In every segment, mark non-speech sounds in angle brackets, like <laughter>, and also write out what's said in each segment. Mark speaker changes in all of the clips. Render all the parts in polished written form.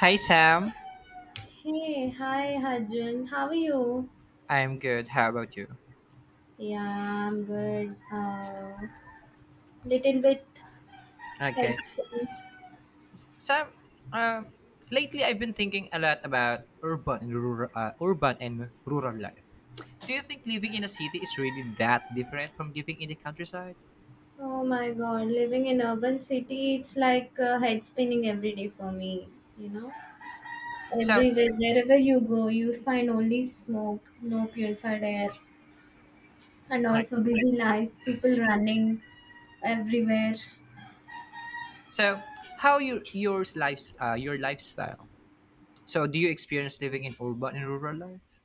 Speaker 1: Hi Sam,
Speaker 2: Hey, hi Arjun. How are you?
Speaker 1: I'm good. How about you?
Speaker 2: Yeah, I'm good. Little bit head
Speaker 1: Okay,
Speaker 2: spinning.
Speaker 1: Sam. Uh, Lately, I've been thinking a lot about urban and rural life. Do you think living in a city is really that different from living in the countryside?
Speaker 2: Oh my God, living in urban city, it's like head spinning every day for me. You know,
Speaker 1: So,
Speaker 2: Everywhere, wherever you go, you find only smoke, no purified air, and
Speaker 1: right.
Speaker 2: also busy life, people running everywhere.
Speaker 1: So, how your yours lives your lifestyle? So, do you experience living in urban and rural life?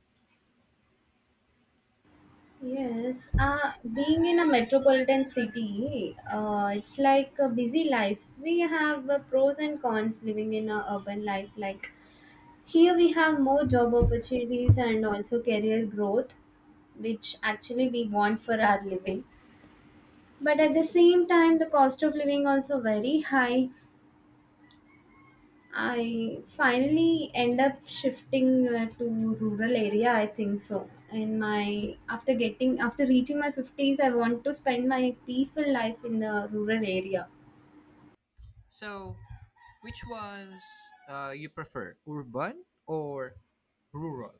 Speaker 2: Yes, being in a metropolitan city, it's like a busy life. We have pros and cons living in a urban life. Like here, we have more job opportunities and also career growth, which actually we want for our living. But at the same time, the cost of living also very high. I finally end up shifting to rural area. I think so. In my after getting After reaching my 50s, I want to spend my peaceful life in the rural area.
Speaker 1: So, which ones you prefer, urban or rural?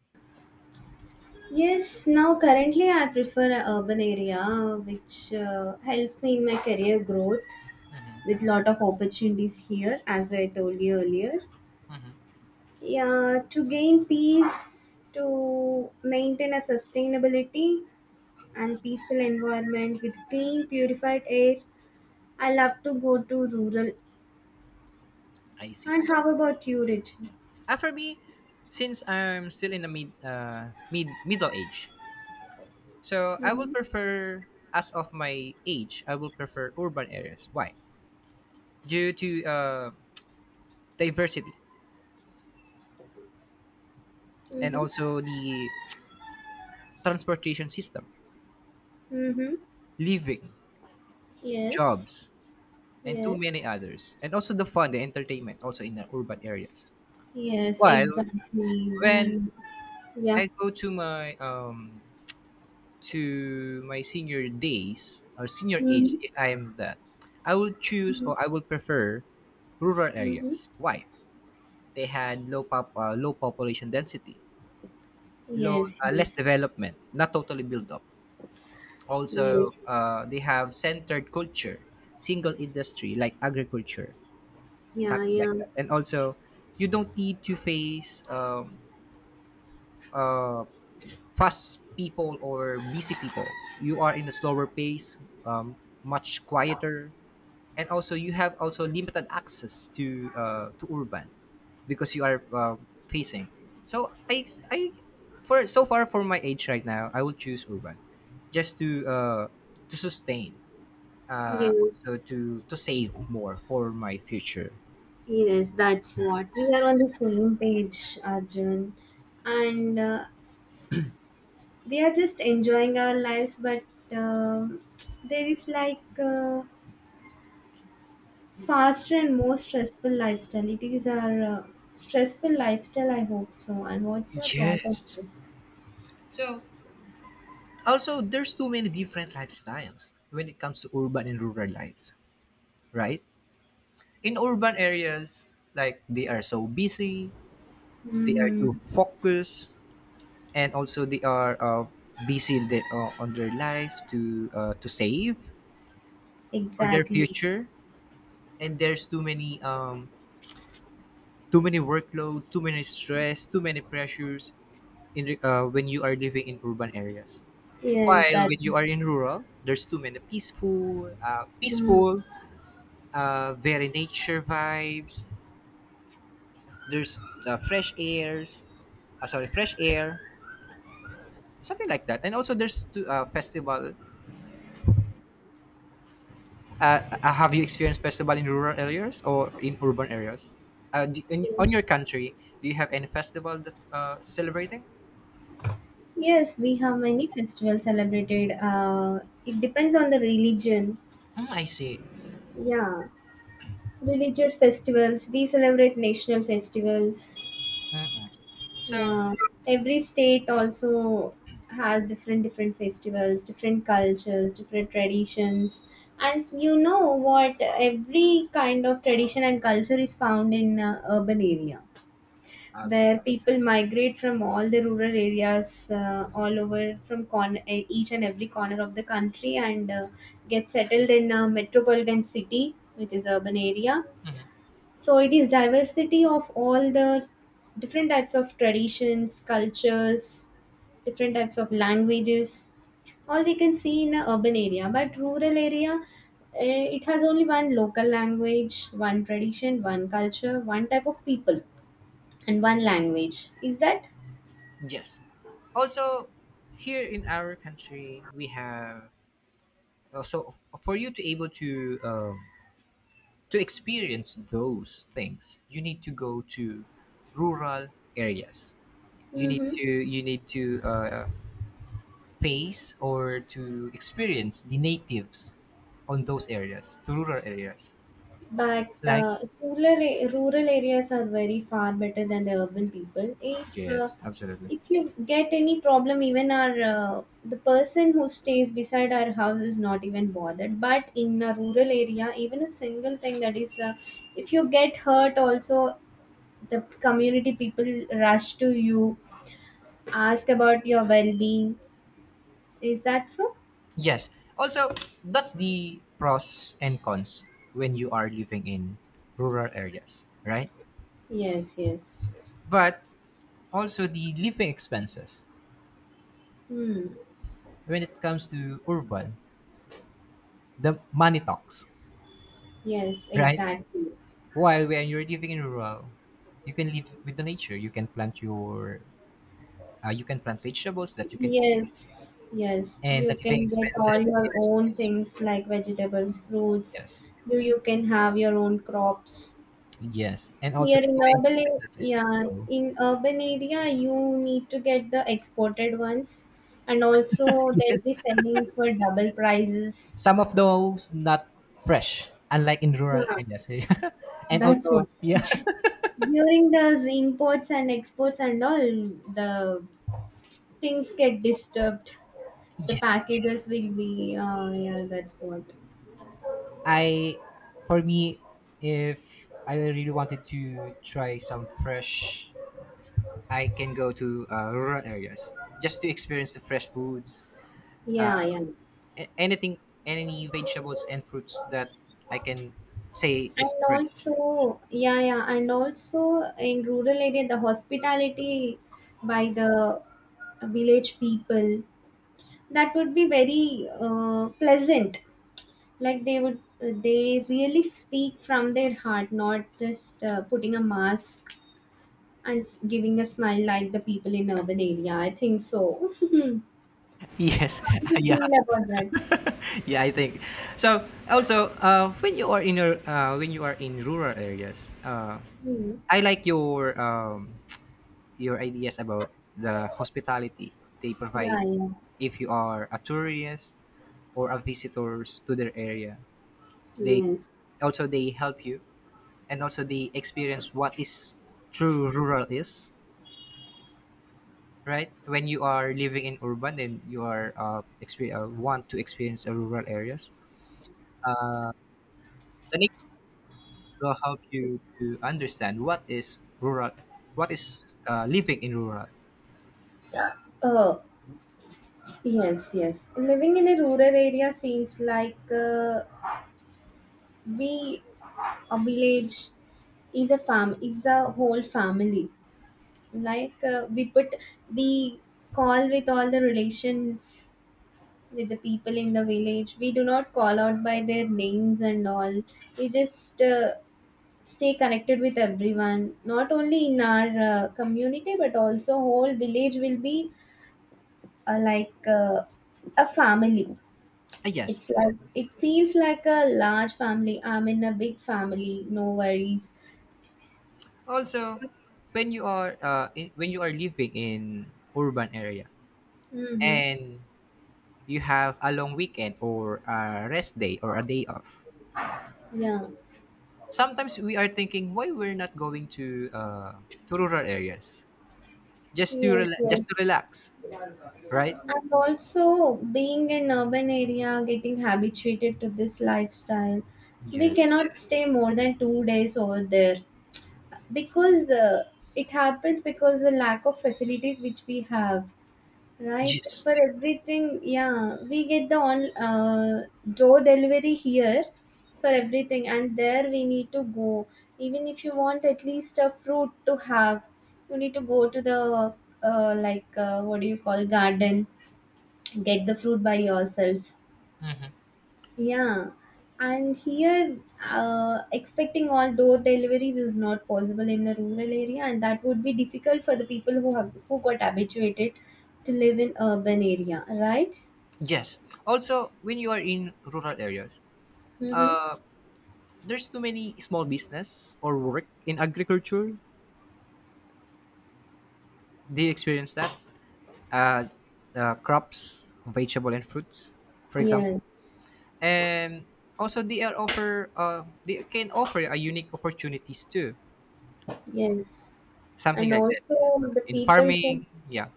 Speaker 2: Yes, now currently I prefer an urban area, which helps me in my career growth with
Speaker 1: Mm-hmm.
Speaker 2: lot of opportunities here, as I told you earlier.
Speaker 1: Mm-hmm.
Speaker 2: Yeah, to gain peace, to maintain a sustainability, and peaceful environment with clean, purified air. I love to go to rural.
Speaker 1: I see.
Speaker 2: And how about you, Rich?
Speaker 1: For me, since I'm still in the middle age, so I will prefer as of my age, I will prefer urban areas. Why? Due to diversity and
Speaker 2: Mm-hmm.
Speaker 1: also the transportation system,
Speaker 2: Mm-hmm.
Speaker 1: living,
Speaker 2: Yes.
Speaker 1: jobs, and too
Speaker 2: Yes.
Speaker 1: many others, and also the fun, the entertainment, also in the urban areas.
Speaker 2: Yes,
Speaker 1: While
Speaker 2: exactly.
Speaker 1: when
Speaker 2: Yeah.
Speaker 1: I go to my senior days or senior
Speaker 2: Mm-hmm.
Speaker 1: age if I am that, I will choose or I will prefer rural
Speaker 2: Mm-hmm.
Speaker 1: areas. Why? They had low population density, low
Speaker 2: Yes,
Speaker 1: less
Speaker 2: yes.
Speaker 1: development, not totally built up.
Speaker 2: Yes.
Speaker 1: Also, they have centered culture, single industry like agriculture,
Speaker 2: Yeah,
Speaker 1: something like
Speaker 2: yeah.
Speaker 1: that. And also, you don't need to face uh, fast people or busy people. You are in a slower pace, um, much quieter, and also you have also limited access to urban because you are facing. So I for so far for my age right now, I will choose urban, just to sustain,
Speaker 2: Yes.
Speaker 1: also to save more for my future.
Speaker 2: Yes, that's what. We are on the same page, Arjun. And we are just enjoying our lives, but um there is like faster and more stressful lifestyle. It is our stressful lifestyle, I hope so. And what's your thought on
Speaker 1: Yes.
Speaker 2: this?
Speaker 1: So also there's too many different lifestyles when it comes to urban and rural lives. Right? In urban areas, like they are so busy, they are
Speaker 2: Mm-hmm.
Speaker 1: too focused, and also they are busy in their, on their life to save for their
Speaker 2: Exactly.
Speaker 1: future. And there's too many workload, too many stress, too many pressures when you are living in urban areas.
Speaker 2: Yes,
Speaker 1: While
Speaker 2: that.
Speaker 1: when you are in rural, there's too many
Speaker 2: Mhm.
Speaker 1: peaceful, very nature vibes, there's the fresh air something like that, and also there's two festival uh, have you experienced festival in rural areas or in urban areas, do, in, on your
Speaker 2: Yes.
Speaker 1: country, do you have any festival that celebrating?
Speaker 2: Yes, we have many festivals celebrated. It depends on the religion.
Speaker 1: Mm, I see.
Speaker 2: Yeah, religious festivals. We celebrate national festivals.
Speaker 1: Mm, I see. So
Speaker 2: Yeah, every state also has different different festivals, different cultures, different traditions, and you know what? Every kind of tradition and culture is found in urban area,
Speaker 1: absolutely.
Speaker 2: where people migrate from all the rural areas, all over from each and every corner of the country, and get settled in a metropolitan city, which is urban area,
Speaker 1: Mhm.
Speaker 2: so it is diversity of all the different types of traditions, cultures, different types of languages. All we can see in an urban area, but rural area, it has only one local language, one tradition, one culture, one type of people, and one language. Is that?
Speaker 1: Yes, also here in our country we have so for you to able to experience those things you need to go to rural areas, you need
Speaker 2: Mm-hmm.
Speaker 1: to face or to experience the natives on those areas to rural areas.
Speaker 2: But
Speaker 1: Like,
Speaker 2: rural areas are very far better than the urban people.
Speaker 1: yes absolutely.
Speaker 2: If you get any problem, even our the person who stays beside our house is not even bothered. But in a rural area, even a single thing that is, if you get hurt, also the community people rush to you, ask about your well being. Is that so?
Speaker 1: Yes, also that's the pros and cons when you are living in rural areas, right?
Speaker 2: Yes. Yes.
Speaker 1: But also the living expenses
Speaker 2: Hmm.
Speaker 1: when it comes to urban, the money talks,
Speaker 2: Yes.
Speaker 1: right?
Speaker 2: Exactly.
Speaker 1: While when you're living in rural, you can live with the nature. You can plant you can plant vegetables that you can eat,
Speaker 2: Yes, yes.
Speaker 1: and
Speaker 2: You
Speaker 1: the living
Speaker 2: can get all
Speaker 1: expenses
Speaker 2: your own
Speaker 1: is,
Speaker 2: things like vegetables, fruits.
Speaker 1: yes,
Speaker 2: You can have your own crops.
Speaker 1: yes, and also
Speaker 2: Here
Speaker 1: the
Speaker 2: in
Speaker 1: living
Speaker 2: urban,
Speaker 1: expenses is still
Speaker 2: yeah,
Speaker 1: low.
Speaker 2: in urban area, you need to get the exported ones, and
Speaker 1: <laughs>
Speaker 2: also they'll
Speaker 1: Yes,
Speaker 2: be selling for double prices.
Speaker 1: some of those not fresh, unlike in rural
Speaker 2: Yeah,
Speaker 1: areas. <laughs> And
Speaker 2: that's
Speaker 1: also,
Speaker 2: what.
Speaker 1: yeah,
Speaker 2: During those imports and exports and all, the things get disturbed. The
Speaker 1: <laughs> yes,
Speaker 2: packages will be, yeah, that's what.
Speaker 1: I, for me, if I really wanted to try some fresh, I can go to rural areas just to experience the fresh foods,
Speaker 2: Yeah, yeah.
Speaker 1: anything, any vegetables and fruits that I can say
Speaker 2: And
Speaker 1: is fresh.
Speaker 2: also, yeah, yeah, and also in rural area, the hospitality by the village people that would be very pleasant. Like they really speak from their heart, not just putting a mask and giving a smile like the people in urban area. I think so. <laughs> How
Speaker 1: Yes,
Speaker 2: do
Speaker 1: <laughs>
Speaker 2: you
Speaker 1: yeah,
Speaker 2: feel about that?
Speaker 1: yeah, I think. So also, when you are in your when you are in rural areas,
Speaker 2: Hmm.
Speaker 1: I like your <tsk> your ideas about the hospitality they
Speaker 2: Yeah,
Speaker 1: provide.
Speaker 2: yeah,
Speaker 1: If you are a tourist or a visitors to their area, they,
Speaker 2: yes.
Speaker 1: also they help you, and also they experience what is true rural is, right? When you are living in urban then you are want to experience a rural areas, the nature will help you to understand what is rural, what is living in rural.
Speaker 2: Uh, Yes, yes. Living in a rural area seems like we a village is a farm is a whole family. Like we call with all the relations with the people in the village. We do not call out by their names and all. We just stay connected with everyone. Not only in our community, but also whole village will be like a family.
Speaker 1: Ah yes.
Speaker 2: It's like, it feels like a large family. I'm in a big family. No worries.
Speaker 1: Also, when you are when you are living in urban area
Speaker 2: Mm-hmm.
Speaker 1: and you have a long weekend or a rest day or a day off,
Speaker 2: Yeah.
Speaker 1: sometimes we are thinking why we're not going to rural areas just to
Speaker 2: Yes. Yes.
Speaker 1: just to relax, right?
Speaker 2: And also being in urban area, getting habituated to this lifestyle, we
Speaker 1: Yes.
Speaker 2: cannot stay more than 2 days over there because it happens because the lack of facilities which we have. Right,
Speaker 1: Yes.
Speaker 2: for everything, yeah, we get the on door delivery here for everything, and there we need to go. Even if you want at least a fruit to have, you need to go to the like what do you call garden, get the fruit by yourself.
Speaker 1: Hmm.
Speaker 2: Yeah, and here expecting all door deliveries is not possible in the rural area, and that would be difficult for the people who got habituated to live in urban area, right?
Speaker 1: Yes. Also, when you are in rural areas,
Speaker 2: Mm-hmm.
Speaker 1: uh, there's too many small business or work in agriculture. Do you experience that? Uh, crops, vegetable and fruits, for example.
Speaker 2: Yes,
Speaker 1: And also, they are offer. They can offer a unique opportunities too.
Speaker 2: yes,
Speaker 1: Something
Speaker 2: and
Speaker 1: like that
Speaker 2: also the
Speaker 1: in
Speaker 2: people who
Speaker 1: farming. Yeah.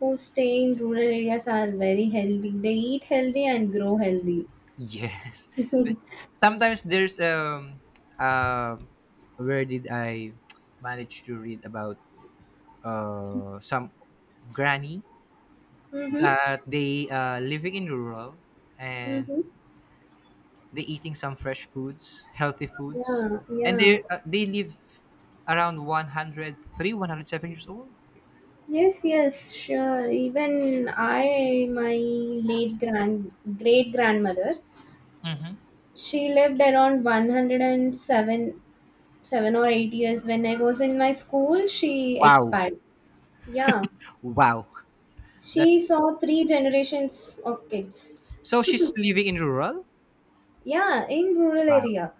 Speaker 2: who stay in rural areas are very healthy. They eat healthy and grow healthy.
Speaker 1: Yes.
Speaker 2: <laughs>
Speaker 1: <laughs>
Speaker 2: Mm-hmm.
Speaker 1: Sometimes there's um where did I manage to read about some granny that they living in rural, and
Speaker 2: Mm-hmm.
Speaker 1: they eating some fresh foods, healthy foods,
Speaker 2: Yeah,
Speaker 1: and
Speaker 2: yeah.
Speaker 1: they live around 103, 107 years old.
Speaker 2: Yes, yes, sure. Even I, my late grand great grandmother,
Speaker 1: Hmm.
Speaker 2: she lived around 107, 7 seven or 8 years. When I was in my school, she
Speaker 1: Wow,
Speaker 2: expired. Yeah,
Speaker 1: wow,
Speaker 2: she
Speaker 1: that's,
Speaker 2: saw three generations of kids.
Speaker 1: so she's living in rural.
Speaker 2: Yeah, in rural
Speaker 1: Wow,
Speaker 2: area.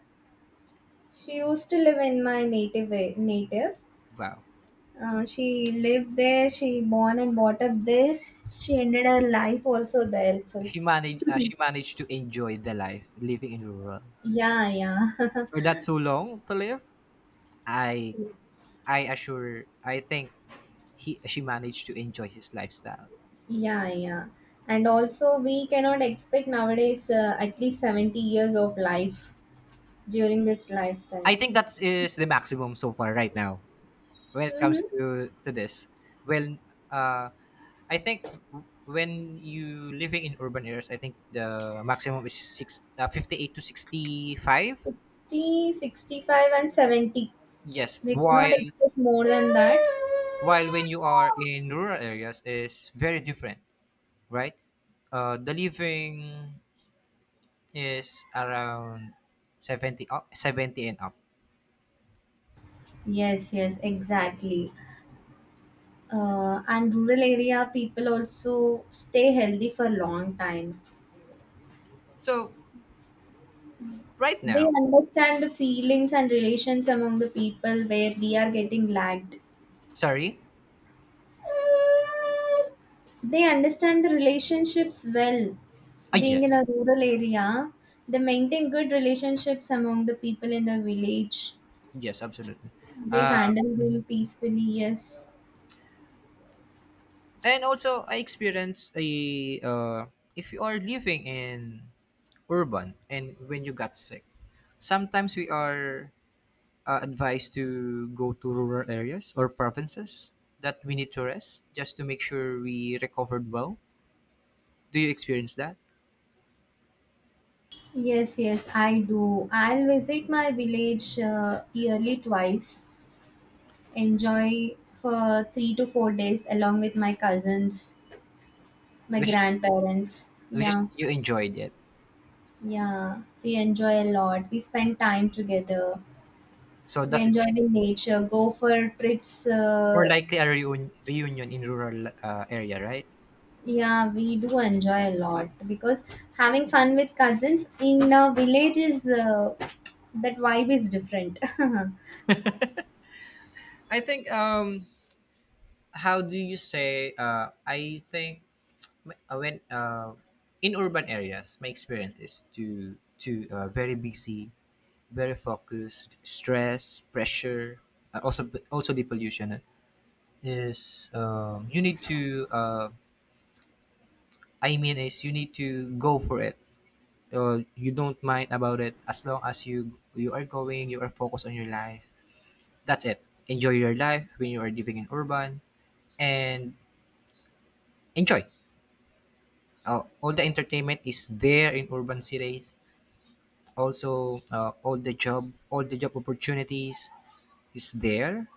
Speaker 2: She used to live in my native native.
Speaker 1: wow.
Speaker 2: She lived there, she born and brought up there. She ended her life also there itself.
Speaker 1: She managed. She managed to enjoy the life living in rural
Speaker 2: Yeah, yeah. <laughs>
Speaker 1: for that so long to live. I I assure. I think he, she managed to enjoy his lifestyle.
Speaker 2: Yeah, yeah. And also, we cannot expect nowadays at least 70 years of life during this
Speaker 1: I
Speaker 2: lifestyle.
Speaker 1: think that is the maximum so far right now when it comes
Speaker 2: Mm-hmm.
Speaker 1: to this. Well, uh, I think when you living in urban areas, I think the maximum is 58 to 65.
Speaker 2: 50 65 and 70.
Speaker 1: Yes,
Speaker 2: We cannot expect more than that.
Speaker 1: while when you are in rural areas is very different, right? The living is around 70 up, 70 and up.
Speaker 2: Yes, yes, exactly. And rural area people also stay healthy for long time.
Speaker 1: So right
Speaker 2: They
Speaker 1: now,
Speaker 2: understand the feelings and relations among the people where we are getting lagged.
Speaker 1: sorry.
Speaker 2: They understand the relationships well.
Speaker 1: Ah,
Speaker 2: Being in
Speaker 1: yes.
Speaker 2: a rural area, they maintain good relationships among the people in the village.
Speaker 1: Yes, absolutely.
Speaker 2: They
Speaker 1: Uh,
Speaker 2: handle them peacefully, yes.
Speaker 1: and also I experienced a if you are living in urban and when you got sick, sometimes we are advised to go to rural areas or provinces that we need to rest just to make sure we recovered well. Do you experience that?
Speaker 2: Yes, yes, I do. I'll visit my village yearly twice, enjoy for 3 to 4 days along with my cousins, my
Speaker 1: Which is,
Speaker 2: grandparents.
Speaker 1: which is
Speaker 2: Yeah,
Speaker 1: you enjoyed it.
Speaker 2: yeah, we enjoy a lot. We spend time together.
Speaker 1: So
Speaker 2: We
Speaker 1: that's
Speaker 2: enjoy the nature, go for trips,
Speaker 1: more likely a reunion in rural area, right?
Speaker 2: yeah, we do enjoy a lot because having fun with cousins in a village is that vibe is different. <laughs>
Speaker 1: I think how do you say I think my- when in urban areas, my experience is to very busy, very focused, stress, pressure, also also the pollution, is you need to I mean is you need to go for it. You don't mind about it as long as you are going, you are focused on your life. That's it. Enjoy your life when you are living in urban and enjoy. All the entertainment is there in urban cities, also all the job opportunities is there.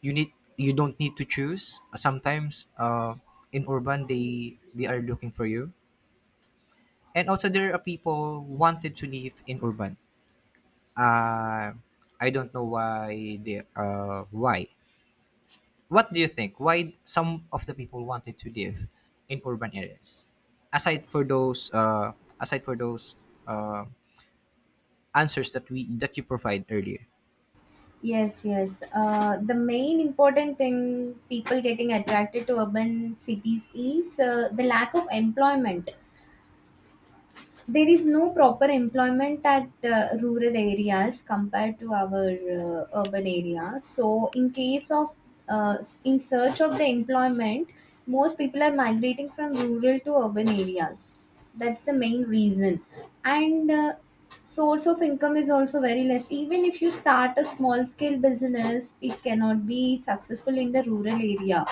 Speaker 1: You need, you don't need to choose sometimes in urban they are looking for you, and also there are people wanted to live in urban, uh, I don't know why they why what do you think why some of the people wanted to live in urban areas aside for those aside for those uh, answers that we that you provide earlier?
Speaker 2: Yes, yes. The main important thing people getting attracted to urban cities is the lack of employment. There is no proper employment at rural areas compared to our urban areas. So, uh, in search of the employment, most people are migrating from rural to urban areas. That's the main reason. And source of income is also very less. Even if you start a small scale business, it cannot be successful in the rural area.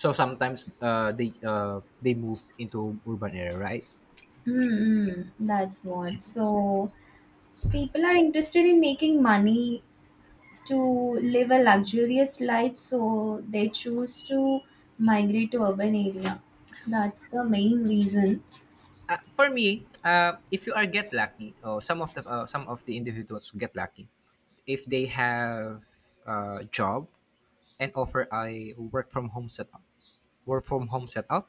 Speaker 1: So sometimes they move into urban area, right?
Speaker 2: Mm-hmm. That's what. So people are interested in making money to live a luxurious life, so they choose to migrate to urban area. That's the main reason.
Speaker 1: For me, if you are get lucky, or some of the individuals get lucky, if they have a job and offer a work from home setup, work from home setup,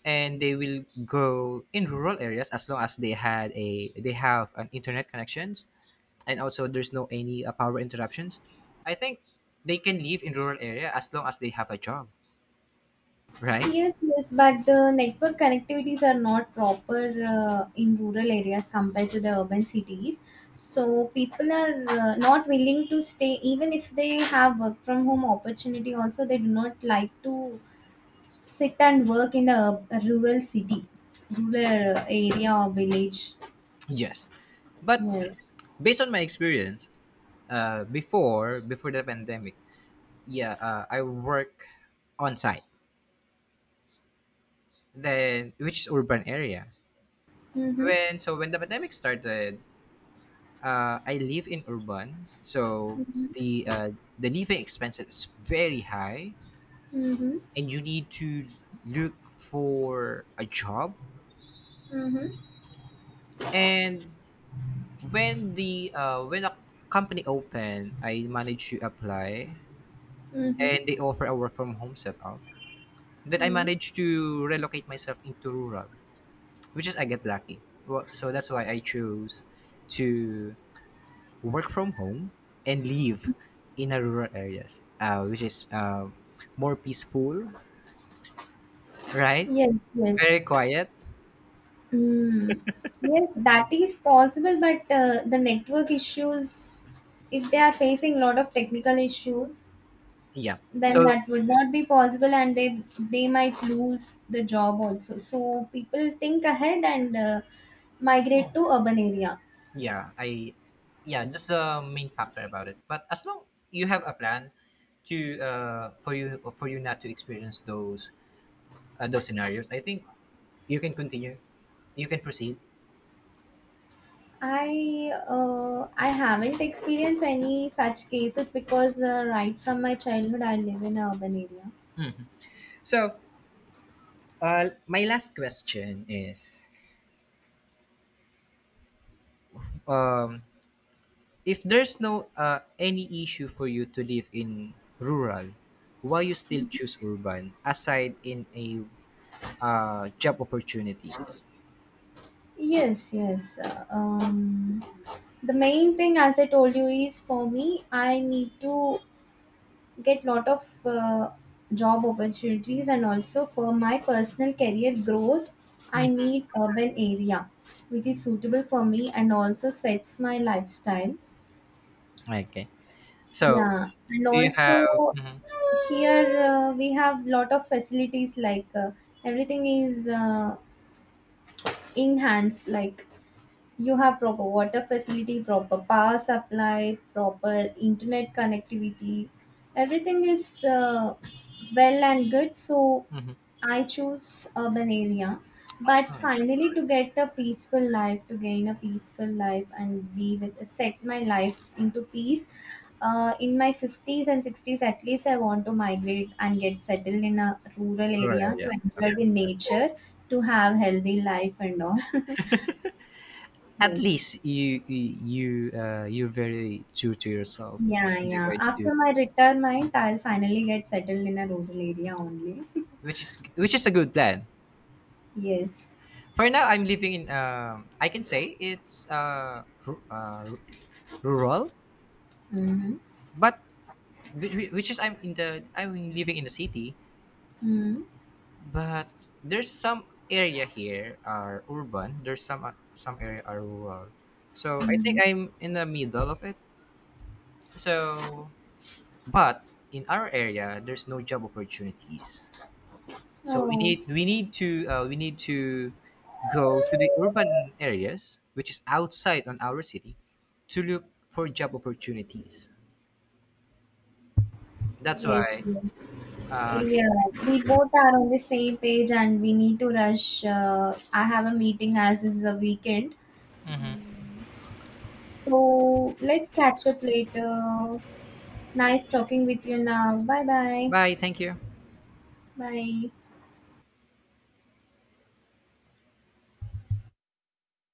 Speaker 1: and they will go in rural areas as long as they had a they have an internet connections, and also there's no any power interruptions. I think they can live in rural area as long as they have a job, right?
Speaker 2: Yes, yes, but the network connectivities are not proper in rural areas compared to the urban cities, so people are not willing to stay. Even if they have work from home opportunity also, they do not like to sit and work in the rural area or village.
Speaker 1: Yes, but
Speaker 2: Yes.
Speaker 1: based on my experience, before the pandemic, yeah, I work on site, then which is urban area.
Speaker 2: Mm-hmm.
Speaker 1: When so when the pandemic started, I live in urban, so
Speaker 2: Mm-hmm.
Speaker 1: the uh, the living expense is very high,
Speaker 2: Mhm.
Speaker 1: and you need to look for a job.
Speaker 2: Mhm.
Speaker 1: And when the when a company opened, I managed to apply,
Speaker 2: Mhm.
Speaker 1: and they offer a work from home setup. Then I
Speaker 2: Mm.
Speaker 1: managed to relocate myself into rural, which is I get lucky. Well, so that's why I chose to work from home and live in a rural areas, which is more peaceful, right?
Speaker 2: Yes, yes.
Speaker 1: Very quiet.
Speaker 2: Mm. Yes, that is possible, but the network issues, if they are facing a lot of technical issues,
Speaker 1: Yeah.
Speaker 2: then
Speaker 1: So
Speaker 2: that would not be possible and they might lose the job also. So people think ahead and migrate to urban area.
Speaker 1: yeah, I yeah, that's the main factor about it. But as long you have a plan to for you not to experience those scenarios, I think you can continue. You can proceed.
Speaker 2: I haven't experienced any such cases because right from my childhood I live in an urban area.
Speaker 1: So, my last question is, um, if there's no any issue for you to live in rural, why you still choose urban aside in a job opportunities?
Speaker 2: Yes, yes. The main thing, as I told you, is for me, I need to get lot of job opportunities, and also for my personal career growth, I
Speaker 1: Mhm.
Speaker 2: need urban area which is suitable for me and also sets my lifestyle.
Speaker 1: Okay. So
Speaker 2: Yeah, and
Speaker 1: do you have,
Speaker 2: also
Speaker 1: mhm,
Speaker 2: here, we have lot of facilities like, everything is enhanced, like you have proper water facility, proper power supply, proper internet connectivity. Everything is well and good, so
Speaker 1: mhm.
Speaker 2: I choose urban area. But
Speaker 1: Ah,
Speaker 2: finally, to get a peaceful life, to gain a peaceful life and be with set my life into peace, in my 50s and 60s at least, I want to migrate and get settled in a rural
Speaker 1: rural
Speaker 2: area to
Speaker 1: areas?
Speaker 2: enjoy the nature, to have healthy life and all. <laughs>
Speaker 1: At
Speaker 2: Yes.
Speaker 1: least you're very true to yourself
Speaker 2: Yeah,
Speaker 1: in
Speaker 2: yeah.
Speaker 1: regards to,
Speaker 2: After my retirement, I'll finally get settled in a rural area only. <laughs>
Speaker 1: which is, which is a good plan.
Speaker 2: Yes.
Speaker 1: For now, I'm living in. I can say it's rural,
Speaker 2: Mm-hmm.
Speaker 1: but which is I'm living in the city,
Speaker 2: Mm-hmm.
Speaker 1: but there's some area here are urban. There's some area are rural, so I think
Speaker 2: Mm-hmm.
Speaker 1: I'm in the middle of it. So, but in our area, there's no job opportunities. So we
Speaker 2: Oh.
Speaker 1: need we need to go to the urban areas, which is outside on our city, to look for job opportunities. That's
Speaker 2: Yes,
Speaker 1: why.
Speaker 2: yes.
Speaker 1: Uh,
Speaker 2: Yeah, we both are on the same page and we need to rush. I have a meeting as is the weekend.
Speaker 1: hmm,
Speaker 2: Mm. So let's catch up later. Nice talking with you now. Bye bye.
Speaker 1: bye. Thank you.
Speaker 2: Bye.